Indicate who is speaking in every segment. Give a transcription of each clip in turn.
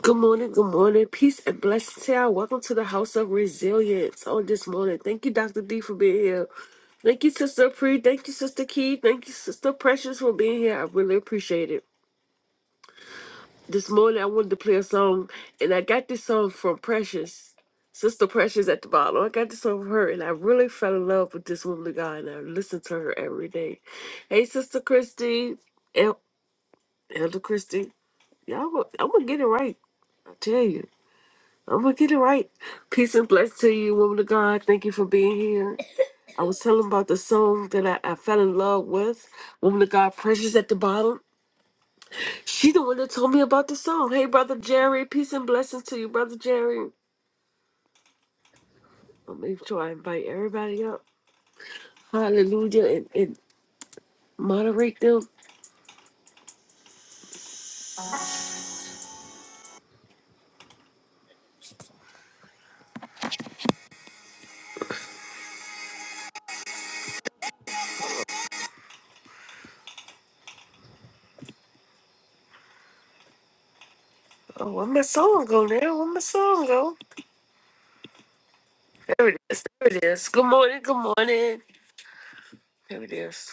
Speaker 1: Good morning, good morning. Peace and blessings to y'all. Welcome to the House of Resilience on this morning. Thank you, Dr. D, for being here. Thank you, Sister Pre. Thank you, Sister Key. Thank you, Sister Precious, for being here. I really appreciate it. This morning, I wanted to play a song, and I got this song from Precious, Sister Precious at the bottom. I got this song from her, and I really fell in love with this woman of God, and I listen to her every day. Hey, Sister Christy, El- Elder Christy. Y'all, I'm going to get it right. I tell you. I'm gonna get it right. Peace and bless to you, woman of God. Thank you for being here. I was telling about the song that I, I fell in love with, Woman of God, Precious at the Bottom. She the one that told me about the song. Hey, Brother Jerry, peace and blessings to you, Brother Jerry. I'll make sure I invite everybody up. Hallelujah. And, and moderate them. Oh, where my song go now? Where my song go? There it is. There it is. Good morning. Good morning. There it is.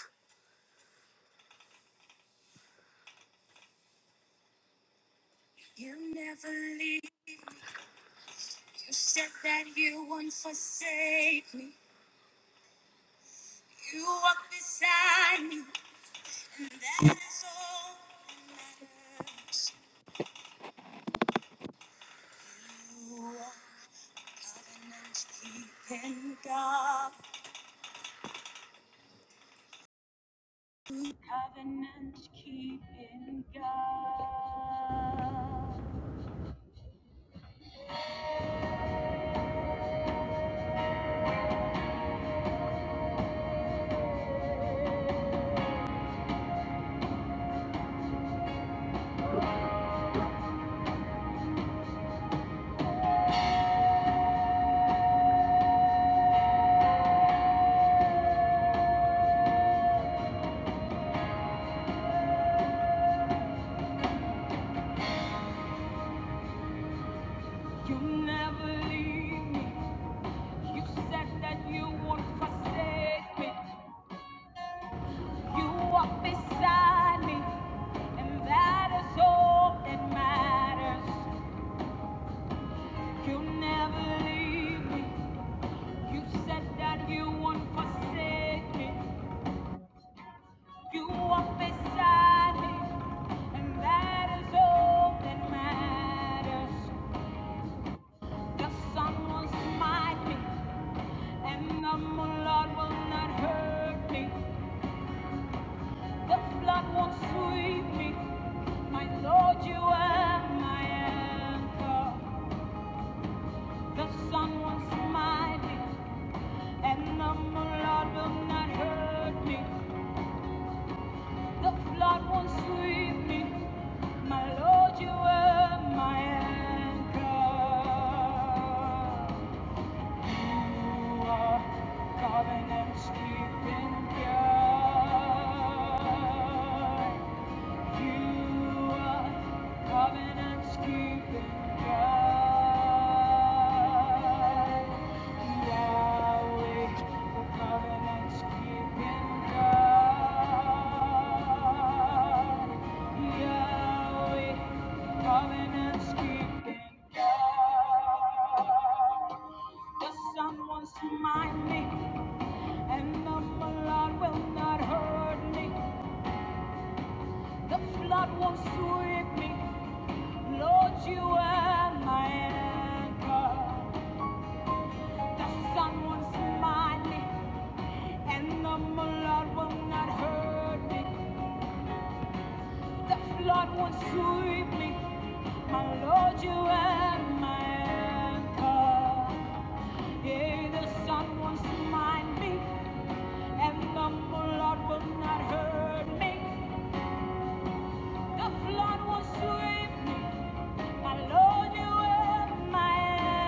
Speaker 1: You walk beside me, and that is all that matters. You never leave me. You said that you won't forsake me. You walk beside me, and that is all that matters. The sun will smite me, and the moonlight will not hurt me. The flood won't sweep me. My Lord, you are my anchor. The sun was smiling, and the Lord will not hurt me. The flood won't sweep me. My Lord, you were my anchor. You are covenant's keeping God. You are covenant's keeping God. Yahweh, the keeping God. Yahweh, covenant's keeping God. The sun was mine, and the flood will not hurt me. The flood will sweep me. Lord, you are my anchor. The sun won't smite me, and the Lord will not hurt me. The flood won't sweep me. My Lord, you are my anchor. Yeah, the sun won't smite me, and the Lord will not hurt me. The flood won't sweep me. My Lord, you are my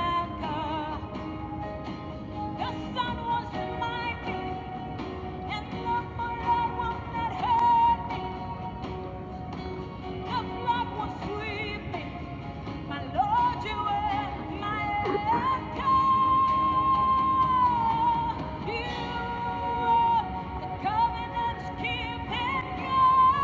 Speaker 1: anchor. The sun won't smite me. And love for I not hurt me. Your blood will My Lord, you are my anchor. You are the covenant's keeping God.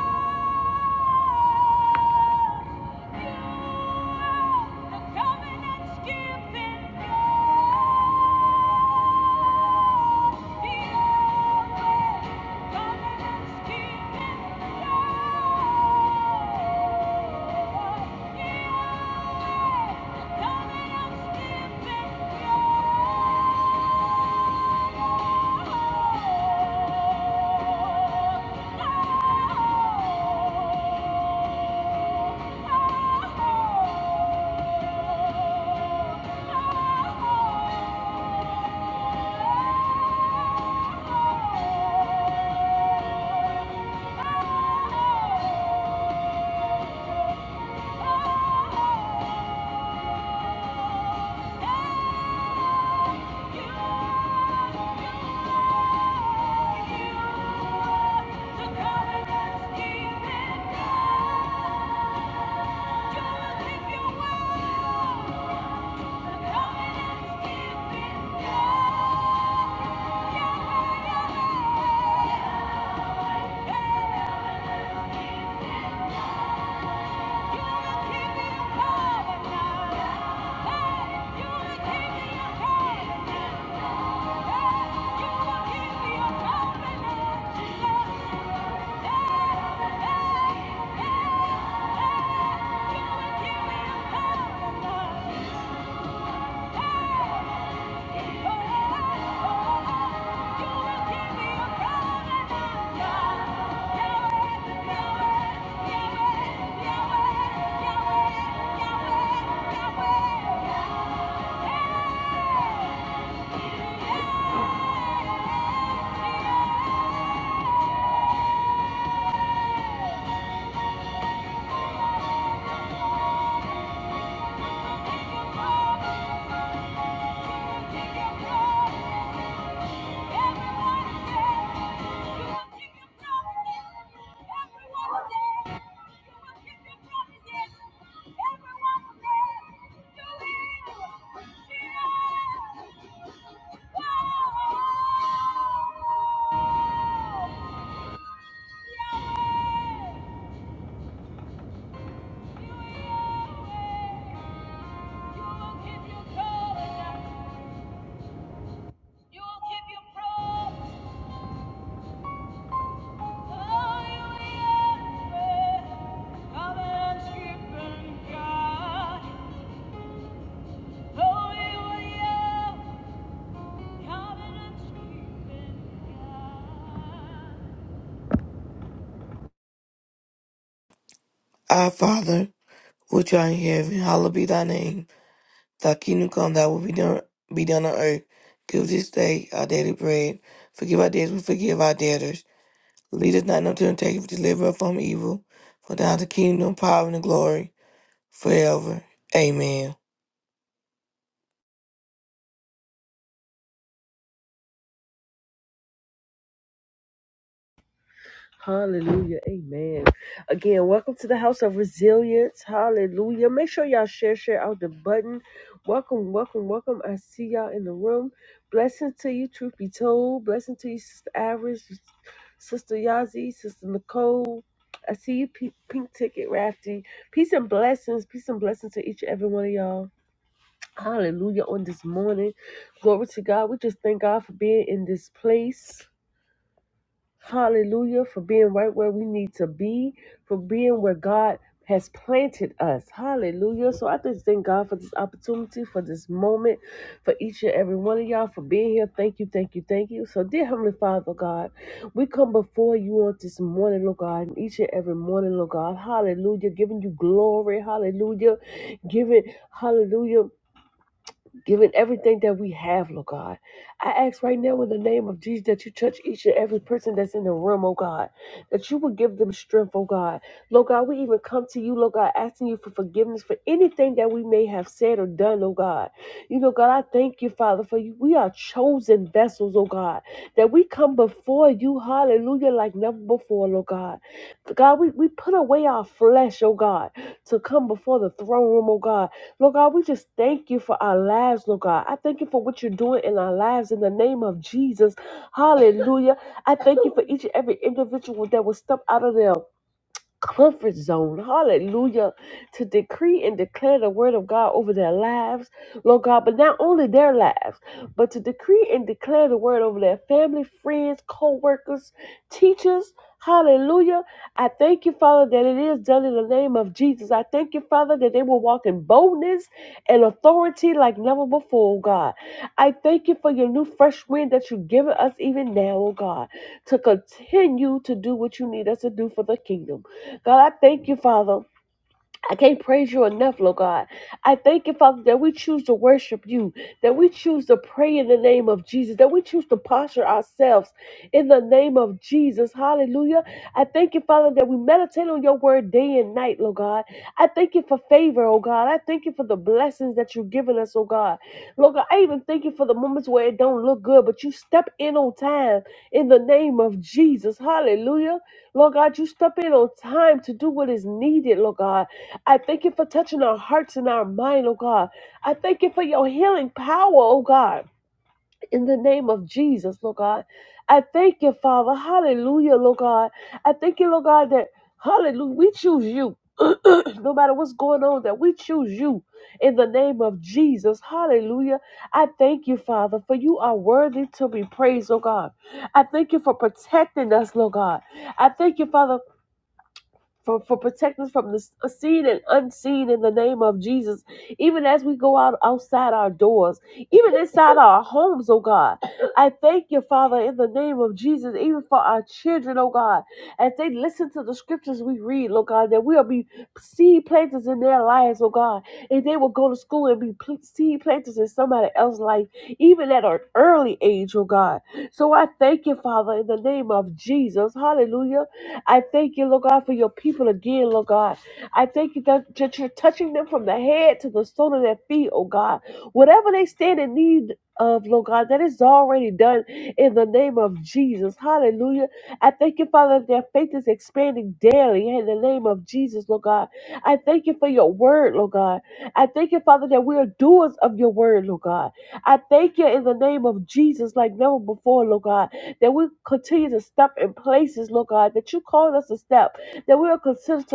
Speaker 1: Oh oh, oh, oh. Yeah. Thank you. Yeah. You will keep your promise. God.
Speaker 2: Our Father, which art in heaven, hallowed be thy name. Thy kingdom come, thy will be done, be done on earth. Give us this day our daily bread. Forgive our debts, we forgive our debtors. Lead us not into temptation, but deliver us from evil. For thine is the kingdom, power, and the glory, forever. Amen.
Speaker 1: Hallelujah. Amen. Again, welcome to the House of Resilience. Hallelujah. Make sure y'all share, share out the button. Welcome, welcome, welcome. I see y'all in the room. Blessing to you, truth be told. Blessing to you, Sister Average, Sister Yazi, Sister Nicole. I see you, P- Pink Ticket Rafty. Peace and blessings. Peace and blessings to each and every one of y'all. Hallelujah on this morning. Glory to God. We just thank God for being in this place. Hallelujah. For being right where we need to be, for being where God has planted us. Hallelujah. So I just thank God for this opportunity, for this moment, for each and every one of y'all for being here. Thank you, thank you, thank you. So, dear Heavenly Father, God, we come before you on this morning, Lord God, and each and every morning, Lord God. Hallelujah. Giving you glory. Hallelujah. Giving, hallelujah giving everything that we have, Lord God. I ask right now in the name of Jesus that you touch each and every person that's in the room, oh God, that you will give them strength, oh God. Lord God, we even come to you, Lord God, asking you for forgiveness for anything that we may have said or done, oh God. You know, God, I thank you, Father, for you. We are chosen vessels, oh God, that we come before you, hallelujah, like never before, Lord God. God, we, we put away our flesh, oh God, to come before the throne room, oh God Lord God, we just thank you for our lives, Lord God. I thank you for what you're doing in our lives in the name of Jesus. Hallelujah. I thank you for each and every individual that will step out of there comfort zone. Hallelujah. To decree and declare the word of God over their lives, Lord God, but not only their lives, but to decree and declare the word over their family, friends, co workers, teachers. Hallelujah. I thank you, Father, that it is done in the name of Jesus. I thank you, Father, that they will walk in boldness and authority like never before, oh God. I thank you for your new fresh wind that you've given us even now, oh God, to continue to do what you need us to do for the kingdom. God, I thank you, Father. I can't praise you enough, Lord God. I thank you, Father, that we choose to worship you, that we choose to pray in the name of Jesus, that we choose to posture ourselves in the name of Jesus. Hallelujah. I thank you, Father, that we meditate on your word day and night, Lord God. I thank you for favor, oh God. I thank you for the blessings that you've given us, oh God. Lord God, I even thank you for the moments where it don't look good, but you step in on time in the name of Jesus. Hallelujah. Lord God, you step in on time to do what is needed, Lord God. I thank you for touching our hearts and our mind, oh God. I thank you for your healing power, oh God. In the name of Jesus, Lord God. I thank you, Father. Hallelujah, Lord God. I thank you, Lord God, that hallelujah, we choose you. no matter what's going on, that we choose you in the name of Jesus. Hallelujah. I thank you, Father, for you are worthy to be praised, oh God. I thank you for protecting us, Lord God. I thank you, Father for, for protect us from the s- seen and unseen in the name of Jesus. Even as we go out outside our doors, even inside our homes, oh God, I thank you, Father, in the name of Jesus, even for our children, oh God, as they listen to the scriptures we read, oh God, that we'll be seed planters in their lives, oh God, and they will go to school and be pl- seed planters in somebody else's life, even at an early age, oh God. So I thank you, Father, in the name of Jesus. Hallelujah I thank you, Lord God, for your people again, Lord God. I thank you that that you're touching them from the head to the sole of their feet, oh God. Whatever they stand in need of, Lord God, that is already done in the name of Jesus. Hallelujah. I thank you, Father, that their faith is expanding daily in the name of Jesus, Lord God. I thank you for your word, Lord God. I thank you, Father, that we are doers of your word, Lord God. I thank you in the name of Jesus like never before, Lord God that we continue to step in places, Lord God, that you called us to step, that we are continue to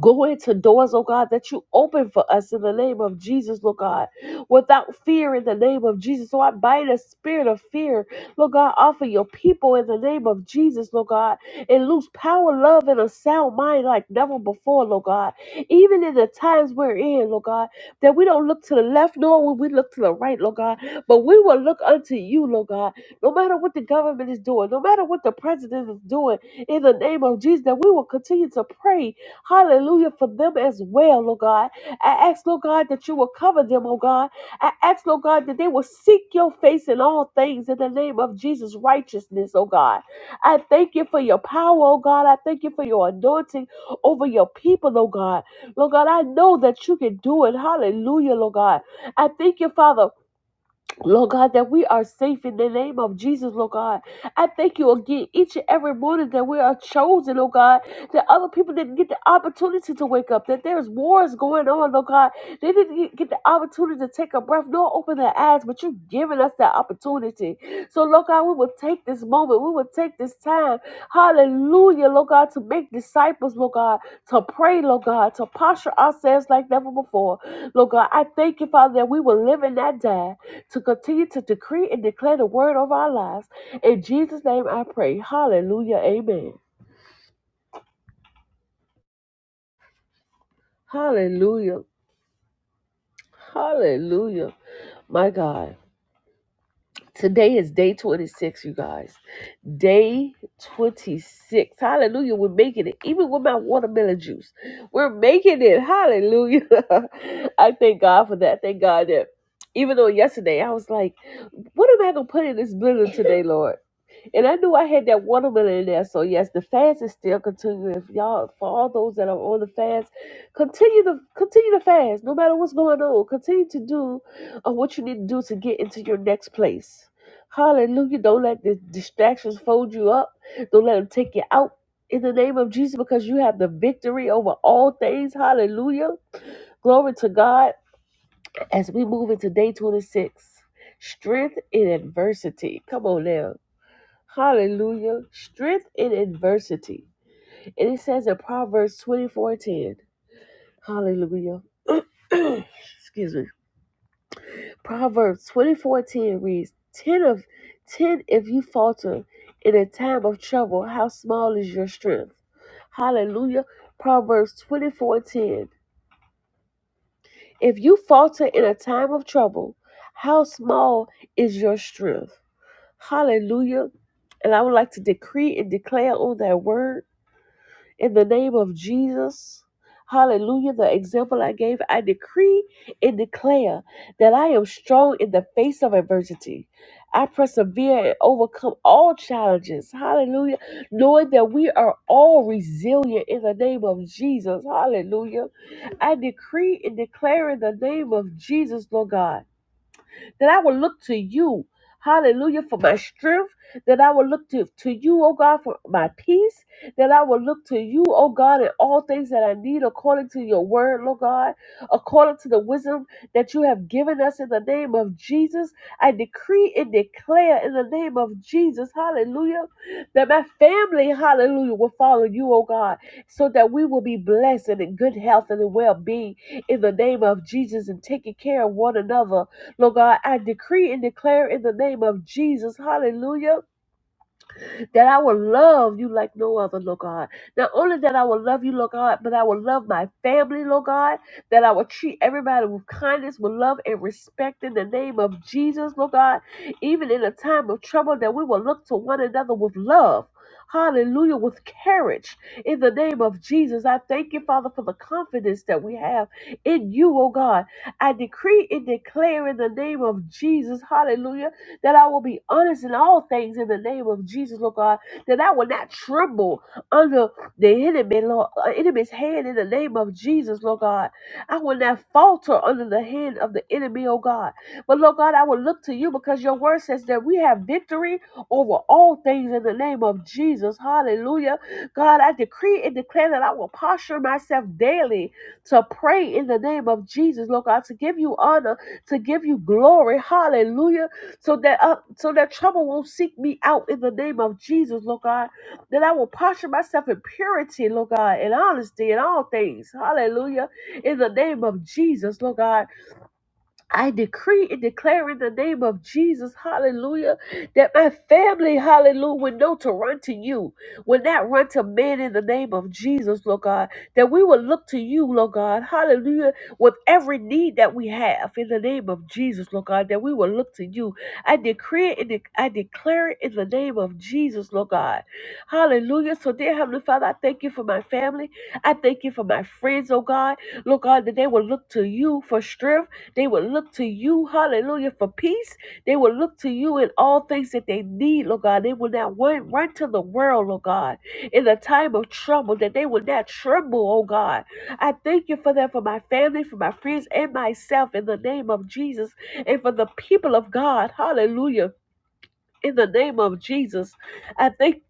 Speaker 1: Go into doors, oh God, that you open for us in the name of Jesus, Lord God, without fear in the name of Jesus. So I bind the spirit of fear, Lord God, off of your people in the name of Jesus, Lord God, and lose power, love, and a sound mind like never before, Lord God. Even in the times we're in, Lord God, that we don't look to the left nor will we look to the right, Lord God, but we will look unto you, Lord God, no matter what the government is doing, no matter what the president is doing, in the name of Jesus, that we will continue to pray Hallelujah for them as well, Lord God. I ask, Lord God, that you will cover them, oh God. I ask, Lord God, that they will seek your face in all things in the name of Jesus' righteousness, oh God. I thank you for your power, oh God. I thank you for your anointing over your people, oh God. Lord God, I know that you can do it. Hallelujah, Lord God. I thank you, Father. Lord God, that we are safe in the name of Jesus, Lord God. I thank you again each and every morning that we are chosen, Lord God, that other people didn't get the opportunity to wake up, that there's wars going on, Lord God. They didn't get get the opportunity to take a breath nor open their eyes, but you've given us that opportunity. So, Lord God, we will take this moment, we will take this time, hallelujah, Lord God, to make disciples, Lord God, to pray, Lord God, to posture ourselves like never before. Lord God, I thank you, Father, that we will live in that day to continue to decree and declare the word of our lives. In Jesus' name I pray. Hallelujah. Amen. Hallelujah. Hallelujah. My God. Today is day 26, you guys. Day 26. Hallelujah. We're making it. Even with my watermelon juice, we're making it. Hallelujah. I thank God for that. Thank God that even though yesterday I was like, what am I going to put in this blender today, Lord? And I knew I had that watermelon in there. So yes, the fast is still continuing. If y'all for all those that are on the fast, continue to continue to fast. No matter what's going on. Continue to do of what you need to do to get into your next place. Hallelujah. Don't let the distractions fold you up. Don't let them take you out in the name of Jesus because you have the victory over all things. Hallelujah. Glory to God as we move into day 26. Strength in adversity. Come on now. Hallelujah. Strength in adversity. And it says in Proverbs 24 10. Hallelujah. Excuse me Proverbs twenty four ten reads, ten of ten if you falter in a time of trouble, how small is your strength? Hallelujah. Proverbs twenty four ten. If you falter in a time of trouble, how small is your strength? Hallelujah. And I would like to decree and declare on that word in the name of Jesus. Hallelujah. The example I gave, I decree and declare that I am strong in the face of adversity. I persevere and overcome all challenges. Hallelujah. Knowing that we are all resilient in the name of Jesus. Hallelujah. I decree and declare in the name of Jesus, Lord God that I will look to you, hallelujah, for my strength, that I will look to, to you, oh God, for my peace, that I will look to you, oh God, in all things that I need according to your word, Lord God, according to the wisdom that you have given us in the name of Jesus. I decree and declare in the name of Jesus, hallelujah, that my family, hallelujah, will follow you, oh God, so that we will be blessed and in good health and in well being in the name of Jesus and taking care of one another Lord God, I decree and declare in the name of Jesus, hallelujah, that I will love you like no other, Lord God. Not only that I will love you, Lord God, but I will love my family, Lord God, that I will treat everybody with kindness, with love, and respect in the name of Jesus, Lord God. Even in a time of trouble, that we will look to one another with love. Hallelujah, with courage in the name of Jesus. I thank you, Father, for the confidence that we have in you, oh God. I decree and declare in the name of Jesus, hallelujah that I will be honest in all things in the name of Jesus, Lord God, that I will not tremble under the enemy, Lord, uh, enemy's hand in the name of Jesus, Lord God. I will not falter under the hand of the enemy, oh God. But Lord God, I will look to you because your word says that we have victory over all things in the name of Jesus. Hallelujah. God, I decree and declare that I will posture myself daily to pray in the name of Jesus, Lord God, to give you honor, to give you glory. Hallelujah so that uh, so that trouble won't seek me out in the name of Jesus, Lord God. That I will posture myself in purity, Lord God, and honesty in all things. Hallelujah. In the name of Jesus, Lord God. I decree and declare in the name of Jesus, hallelujah, that my family, hallelujah, will know to run to you, will not run to men in the name of Jesus, Lord God, that we will look to you, Lord God, hallelujah, with every need that we have in the name of Jesus, Lord God, that we will look to you. I decree and de- I declare it in the name of Jesus, Lord God, hallelujah. So, dear Heavenly Father, I thank you for my family. I thank you for my friends, oh God, Lord God, that they will look to you for strength. They will look to you, hallelujah, for peace. They will look to you in all things that they need, Lord God. They will not run, run to the world, Lord God, in the time of trouble, that they will not tremble, oh God. I thank you for that, for my family, for my friends, and myself, in the name of Jesus, and for the people of God, hallelujah. In the name of Jesus, I thank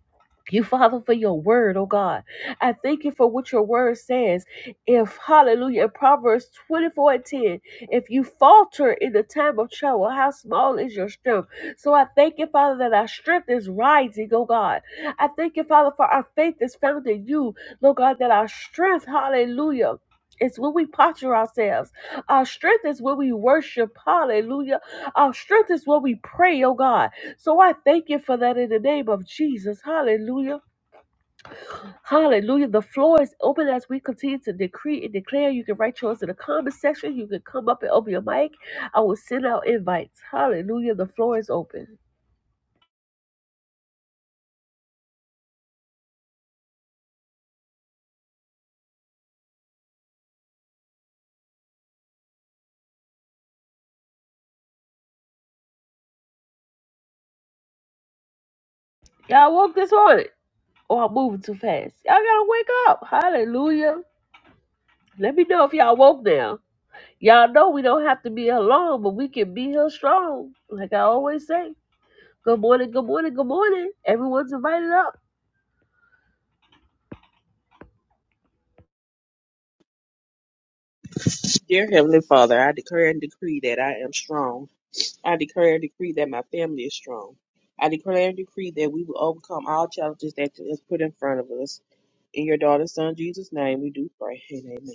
Speaker 1: you, Father, for your word, oh God. I thank you for what your word says. If, hallelujah, Proverbs 24 and 10, if you falter in the time of trouble, how small is your strength? So I thank you, Father, that our strength is rising, oh God. I thank you, Father, for our faith is found in you, Lord God, that our strength, hallelujah. is when we posture ourselves. Our strength is when we worship. Hallelujah. Our strength is when we pray, oh God. So I thank you for that in the name of Jesus. Hallelujah. Hallelujah. The floor is open as we continue to decree and declare. You can write yours in the comment section. You can come up and open your mic. I will send out invites. Hallelujah. The floor is open. Y'all woke this morning. Or I'm moving too fast. Y'all gotta wake up. Hallelujah. Let me know if y'all woke now. Y'all know we don't have to be here long, but we can be here strong. Like I always say. Good morning, good morning, good morning. Everyone's invited up.
Speaker 3: Dear Heavenly Father, I declare and decree that I am strong. I declare and decree that my family is strong. I declare and decree that we will overcome all challenges that is put in front of us. In your daughter's son Jesus' name, we do pray. And amen.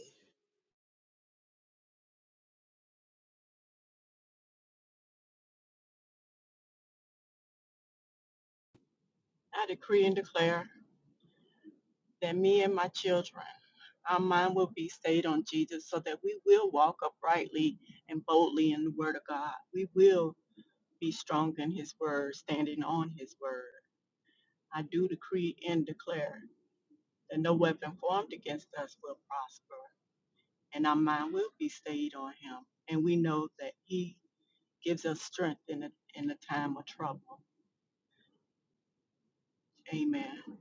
Speaker 4: I decree and declare that me and my children, our mind will be stayed on Jesus so that we will walk uprightly and boldly in the Word of God. We will be strong in His Word, standing on His Word. I do decree and declare that no weapon formed against us will prosper, and our mind will be stayed on Him. And we know that He gives us strength in a, in a time of trouble. Amen.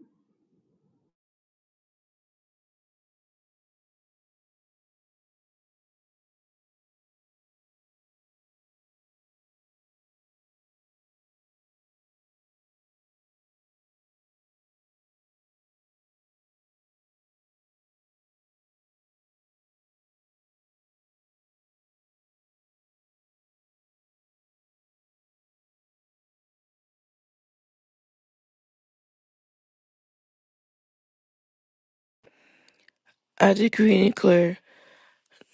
Speaker 2: I decree and declare,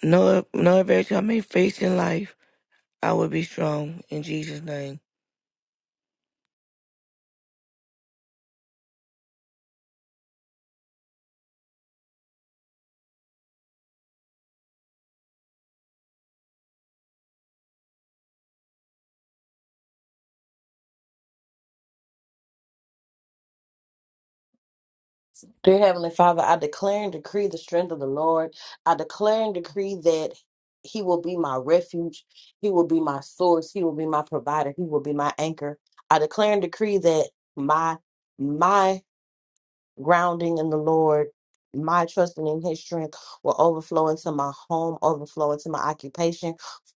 Speaker 2: no, no adversity I may face in life, I will be strong. In Jesus' name.
Speaker 5: Dear Heavenly Father, I declare and decree the strength of the Lord. I declare and decree that He will be my refuge. He will be my source. He will be my provider. He will be my anchor. I declare and decree that my my grounding in the Lord, my trusting in His strength will overflow into my home, overflow into my occupation,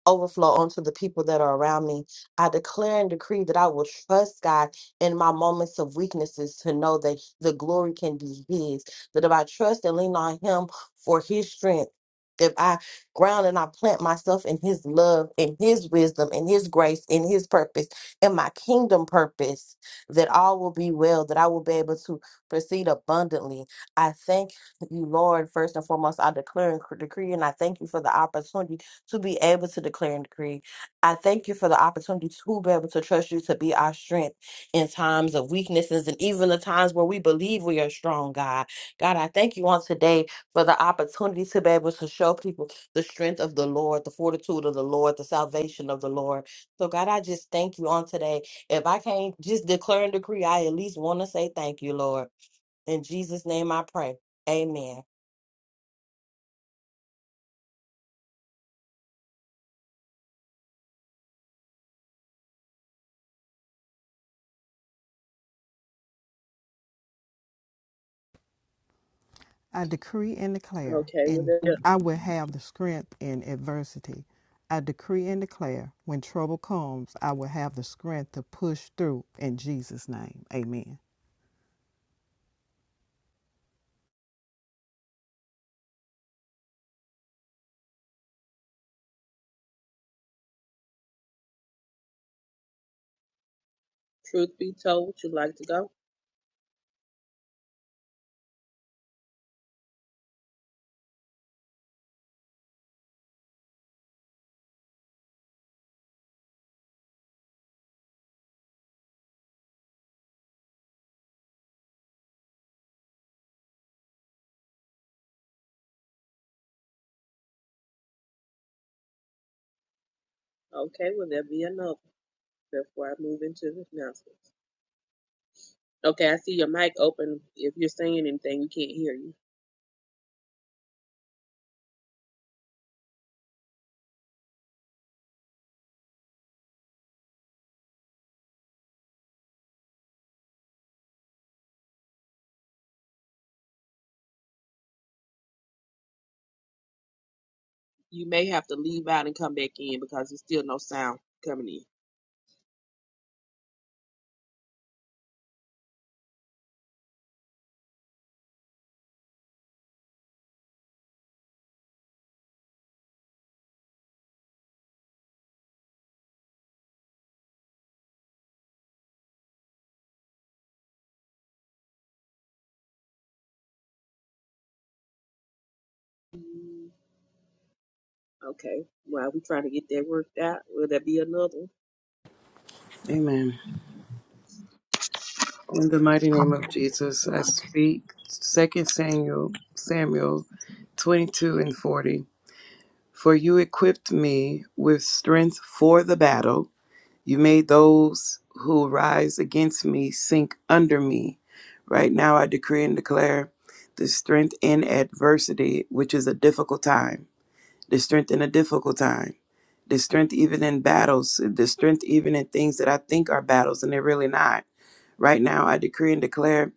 Speaker 5: overflow onto the people that are around me. I declare and decree that I will trust God in my moments of weaknesses to know that the glory can be His. That if I trust and lean on Him for His strength, if I ground and I plant myself in His love, in His wisdom, in His grace, in His purpose, in my kingdom purpose, that all will be well, that I will be able to proceed abundantly. I thank you, Lord. First and foremost, I declare and cr- decree, and I thank you for the opportunity to be able to declare and decree. I thank you for the opportunity to be able to trust you to be our strength in times of weaknesses and even the times where we believe we are strong, God. God, I thank you on today for the opportunity to be able to show people the strength of the Lord, the fortitude of the Lord, the salvation of the Lord. So, God, I just thank you on today. If I can't just declare and decree, I at least want to say thank you, Lord. In Jesus' name I pray. Amen.
Speaker 6: I decree and declare,
Speaker 3: Okay, will
Speaker 6: and
Speaker 3: there be
Speaker 6: I will have the strength in adversity. I decree and declare, when trouble comes, I will have the strength to push through in Jesus' name. Amen.
Speaker 3: truth be told? Would you like to go? Okay, will there be another before I move into the announcements? Okay, I see your mic open. If you're saying anything, we can't hear you. You may have to leave out and come back in because there's still no sound coming in. Okay. While we trying to get that worked out, will that be another? one?
Speaker 7: Amen. In the mighty name of Jesus, I speak Second Samuel, Samuel 22 and 40. For you equipped me with strength for the battle. You made those who rise against me sink under me. Right now, I decree and declare the strength in adversity, which is a difficult time. There's strength in a difficult time. There's strength even in battles. There's strength even in things that I think are battles and they're really not. Right now, I decree and declare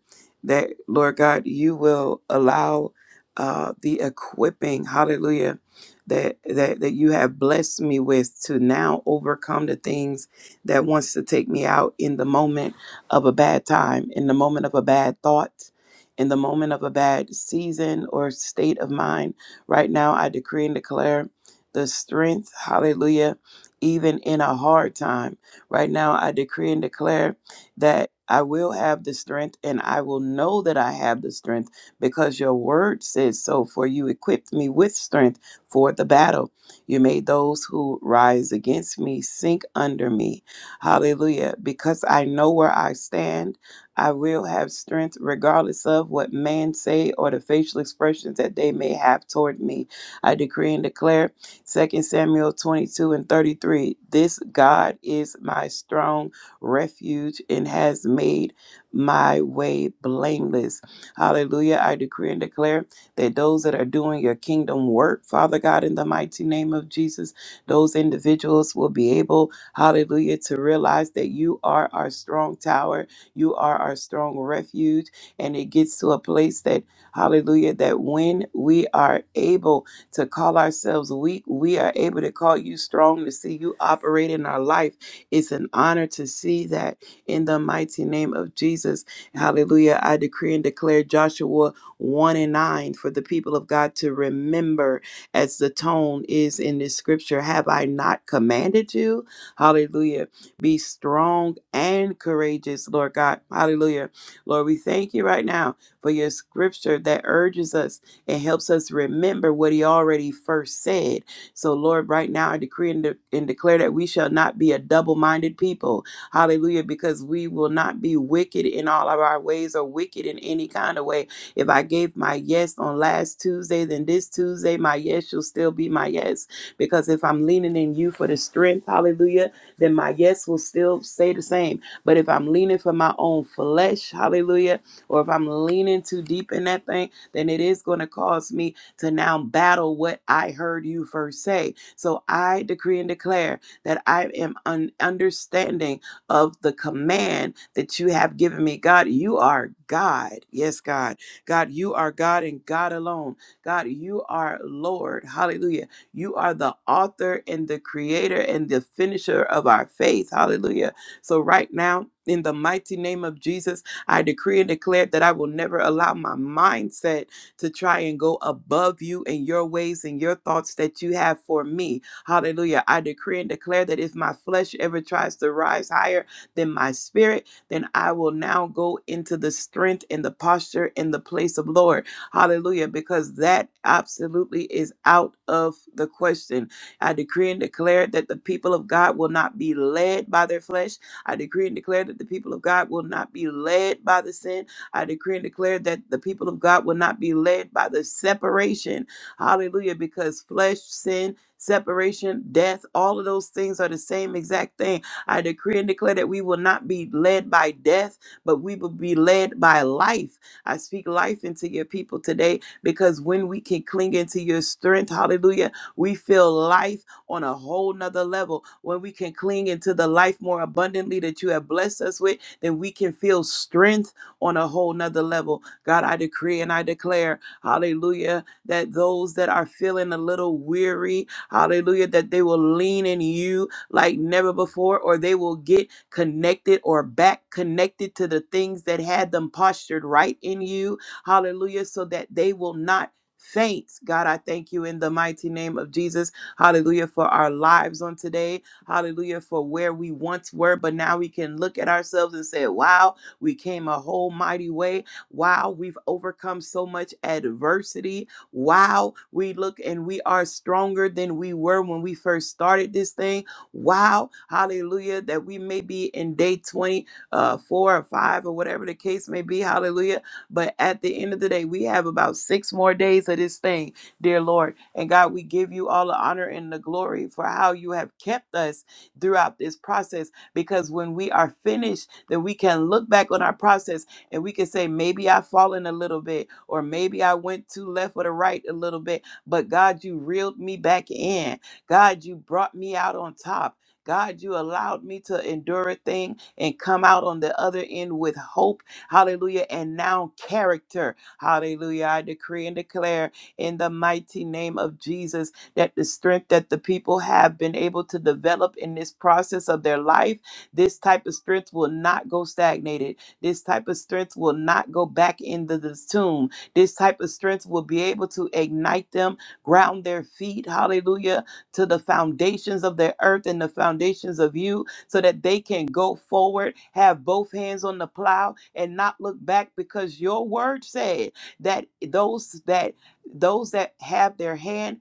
Speaker 7: that, Lord God, you will allow uh, the equipping, hallelujah, that, that, that you have blessed me with to now overcome the things that wants to take me out in the moment of a bad time, in the moment of a bad thought, in the moment of a bad season or state of mind Right now, I decree and declare the strength, hallelujah, even in a hard time. Right now, I decree and declare that I will have the strength and I will know that I have the strength because your word says so. For you equipped me with strength for the battle. You made those who rise against me sink under me. Hallelujah. Because I know where I stand I will have strength regardless of what man say or the facial expressions that they may have toward me. I decree and declare Second Samuel 22 and 33. This God is my strong refuge and has made my way blameless. Hallelujah. I decree and declare that those that are doing your kingdom work, Father God, in the mighty name of Jesus, those individuals will be able, hallelujah, to realize that you are our strong tower you are our strong refuge. And it gets to a place that, hallelujah, that when we are able to call ourselves weak, we are able to call you strong to see you operate in our life. It's an honor to see that in the mighty name of Jesus. Hallelujah. I decree and declare Joshua 1 and 9 for the people of God to remember as the tone is in this scripture. Have I not commanded you? Hallelujah be strong and courageous, Lord God. Hallelujah. Lord, we thank you right now for your scripture that urges us and helps us remember what he already first said. So, Lord, right now I decree and, de- and declare that we shall not be a double minded people. Hallelujah. Because we will not be wicked in all of our ways or wicked in any kind of way. If I gave my yes on last Tuesday, then this Tuesday, my yes shall still be my yes. Because if I'm leaning in you for the strength, hallelujah, then my yes will still stay the same. But if I'm leaning for my own flesh, hallelujah, or if I'm leaning too deep in that thing, then it is going to cause me to now battle what I heard you first say. So I decree and declare that I am un- understanding of the command that you have given me. God, you are God. Yes, God. God, you are God and God alone. God, you are Lord. Hallelujah. You are the author and the creator and the finisher of our faith. Hallelujah. So, right now, in the mighty name of Jesus, I decree and declare that I will never allow my mindset to try and go above you and your ways and your thoughts that you have for me. Hallelujah. I decree and declare that if my flesh ever tries to rise higher than my spirit, then I will now go into the strength and the posture and the place of Lord. Hallelujah. Because that absolutely is out of the question. I decree and declare that the people of God will not be led by their flesh. I decree and declare that the people of God will not be led by the sin. I decree and declare that the people of God will not be led by the separation. Hallelujah. Because flesh, sin, separation, death, all of those things are the same exact thing. I decree and declare that we will not be led by death, but we will be led by life. I speak life into your people today because when we can cling into your strength, hallelujah, we feel life on a whole nother level. When we can cling into the life more abundantly that you have blessed us with, then we can feel strength on a whole nother level. God, I decree and I declare, hallelujah, that those that are feeling a little weary, hallelujah, that they will lean in you like never before, or they will get connected or back connected to the things that had them postured right in you. Hallelujah. So that they will not faint. God, I thank you in the mighty name of Jesus. Hallelujah for our lives on today. Hallelujah for where we once were, but now we can look at ourselves and say, wow, we came a whole mighty way. Wow, we've overcome so much adversity. Wow, we look and we are stronger than we were when we first started this thing Wow, hallelujah, that we may be in day twenty, four uh, four or five, or whatever the case may be, hallelujah. But at the end of the day, we have about six more days of this thing, dear Lord. And God, we give you all the honor and the glory for how you have kept us throughout this process. Because when we are finished, then we can look back on our process and we can say, maybe I've fallen a little bit, or maybe I went too left or the right a little bit. But God, you reeled me back in God, you brought me out on top. God, you allowed me to endure a thing and come out on the other end with hope. Hallelujah. And now character. Hallelujah. I decree and declare in the mighty name of Jesus that the strength that the people have been able to develop in this process of their life, this type of strength will not go stagnated. This type of strength will not go back into the tomb. This type of strength will be able to ignite them, ground their feet. Hallelujah to the foundations of the earth and the foundations of you so that they can go forward, have both hands on the plow and not look back because your word said that those that those that have their hand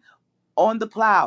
Speaker 7: on the plow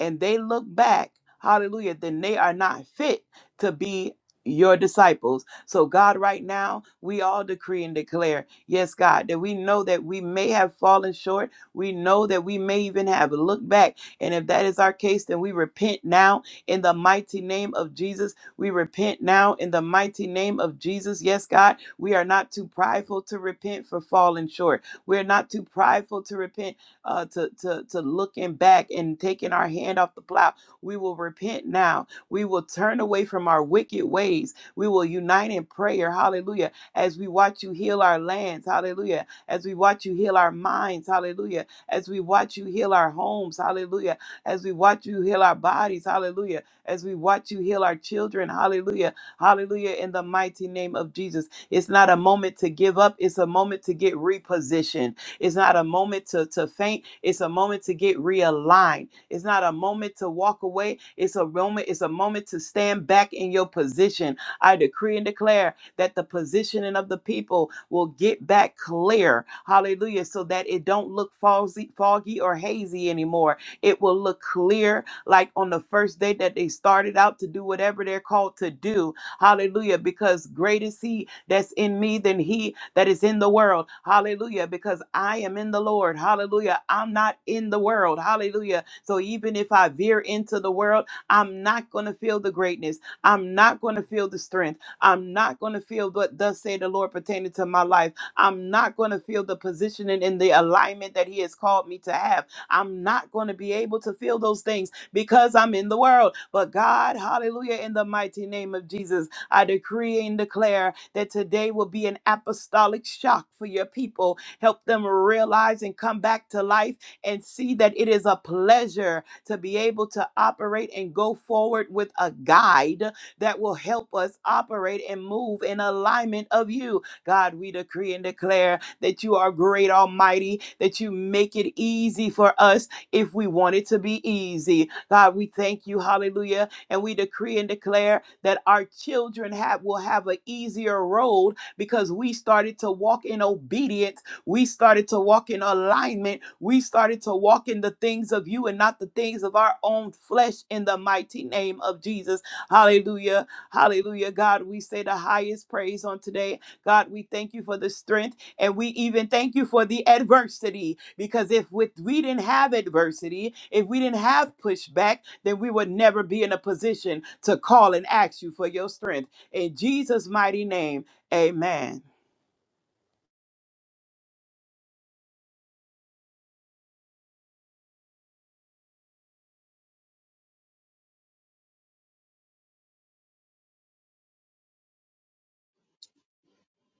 Speaker 7: and they look back, hallelujah, then they are not fit to be your disciples. So, God, right now, we all decree and declare, yes, God, that we know that we may have fallen short. We know that we may even have looked back. And if that is our case, then we repent now in the mighty name of Jesus. We repent now in the mighty name of Jesus. Yes, God, we are not too prideful to repent for falling short. We're not too prideful to repent uh, to, to, to looking back and taking our hand off the plow. We will repent now. We will turn away from our wicked ways. We will unite in prayer. Hallelujah. As we watch you heal our lands. Hallelujah. As we watch you heal our minds. Hallelujah. As we watch you heal our homes. Hallelujah. As we watch you heal our bodies. Hallelujah. As we watch you heal our children. Hallelujah. Hallelujah. In the mighty name of Jesus. It's not a moment to give up, it's a moment to get repositioned. It's not a moment to, to faint. It's a moment to get realigned. It's not a moment to walk away. It's a moment, it's a moment to stand back in your position. I decree and declare that the positioning of the people will get back clear. Hallelujah. So that it don't look foggy, foggy or hazy anymore. It will look clear like on the first day that they started out to do whatever they're called to do Hallelujah. Because great is he that's in me than he that is in the world. Hallelujah. Because I am in the Lord. Hallelujah. I'm not in the world. Hallelujah. So even if I veer into the world, I'm not going to feel the greatness. I'm not going to feel the strength. I'm not going to feel what thus say the Lord pertaining to my life. I'm not going to feel the positioning and the alignment that he has called me to have. I'm not going to be able to feel those things because I'm in the world. But God, hallelujah, in the mighty name of Jesus. I decree and declare that today will be an apostolic shock for your people. Help them realize and come back to life and see that it is a pleasure to be able to operate and go forward with a guide that will help us operate and move in alignment of you. God, we decree and declare that you are great, almighty, that you make it easy for us if we want it to be easy. God, we thank you, hallelujah, and we decree and declare that our children have will have an easier road because we started to walk in obedience. We started to walk in alignment. We started to walk in the things of you and not the things of our own flesh in the mighty name of Jesus. Hallelujah. Hallelujah. God, we say the highest praise on today. God, we thank you for the strength. And we even thank you for the adversity because if with, we didn't have adversity, if we didn't have pushback, then we would never be in a position to call and ask you for your strength. In Jesus' mighty name, amen.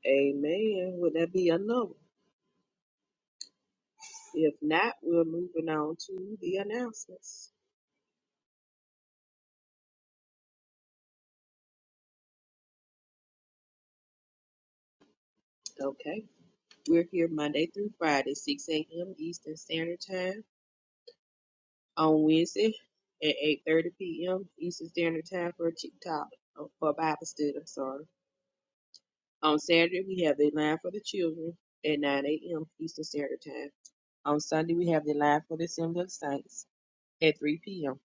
Speaker 3: Amen. Will that be another? one? If not, we're moving on to the announcements. Okay. We're here Monday through Friday, 6 a.m. Eastern Standard Time. On Wednesday at 8.30 p.m. Eastern Standard Time for a TikTok, uh, for a Bible study, I'm sorry. On Saturday, we have the line for the children at 9 a.m. Eastern Standard Time. On Sunday, we have the line for the Assembly of Saints at 3 p.m.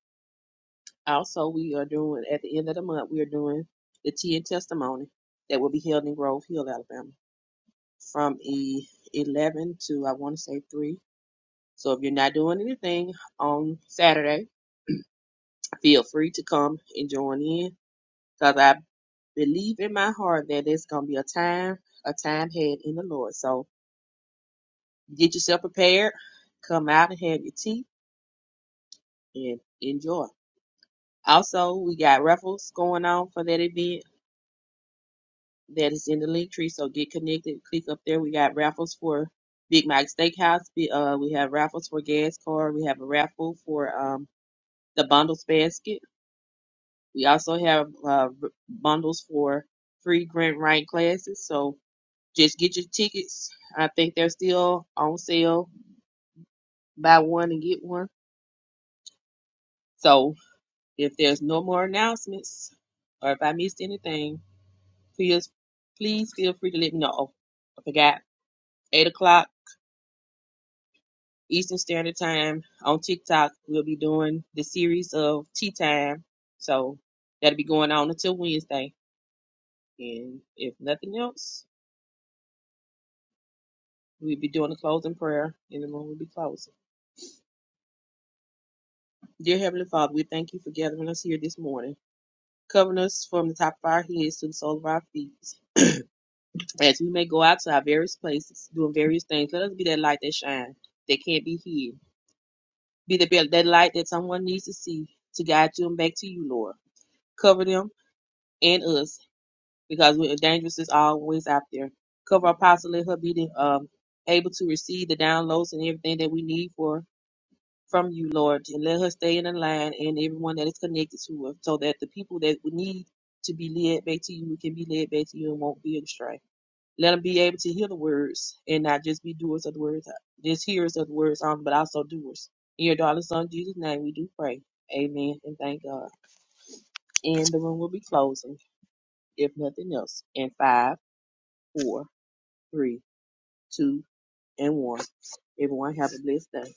Speaker 3: Also, we are doing at the end of the month, we are doing the tea and testimony that will be held in Grove Hill, Alabama, from e- 11 to I want to say 3. So if you're not doing anything on Saturday, feel free to come and join in because I believe in my heart that it's gonna be a time, a time had in the Lord. So get yourself prepared, come out and have your tea and enjoy. Also, we got raffles going on for that event that is in the link tree. So get connected. Click up there. We got raffles for Big Mac Steakhouse. We, uh, we have raffles for gas card. We have a raffle for um, the bundles basket. We also have uh, bundles for free grant writing classes. So just get your tickets. I think they're still on sale. Buy one and get one. So if there's no more announcements or if I missed anything, please please feel free to let me know. Oh, I forgot. Eight o'clock. Eastern Standard Time on TikTok. We'll be doing the series of Tea Time. So that'll be going on until Wednesday. And if nothing else, we'll be doing a closing prayer and the room will be closing. Dear Heavenly Father, we thank you for gathering us here this morning, covering us from the top of our heads to the sole of our feet. As we may go out to our various places, doing various things, let us be that light that shines, that can't be hid. Be the, that light that someone needs to see to guide them back to you, Lord. Cover them and us because we dangerous is always out there. Cover Apostle, let her be the, um, able to receive the downloads and everything that we need for from you, Lord, and let her stay in the line and everyone that is connected to her, so that the people that we need to be led back to you can be led back to you and won't be astray. Let them be able to hear the words and not just be doers of the words, just hearers of the words, um, but also doers. In your darling son Jesus' name, we do pray. Amen and thank God. And the room will be closing, if nothing else, in five, four three, two, and one. Everyone have a blessed day.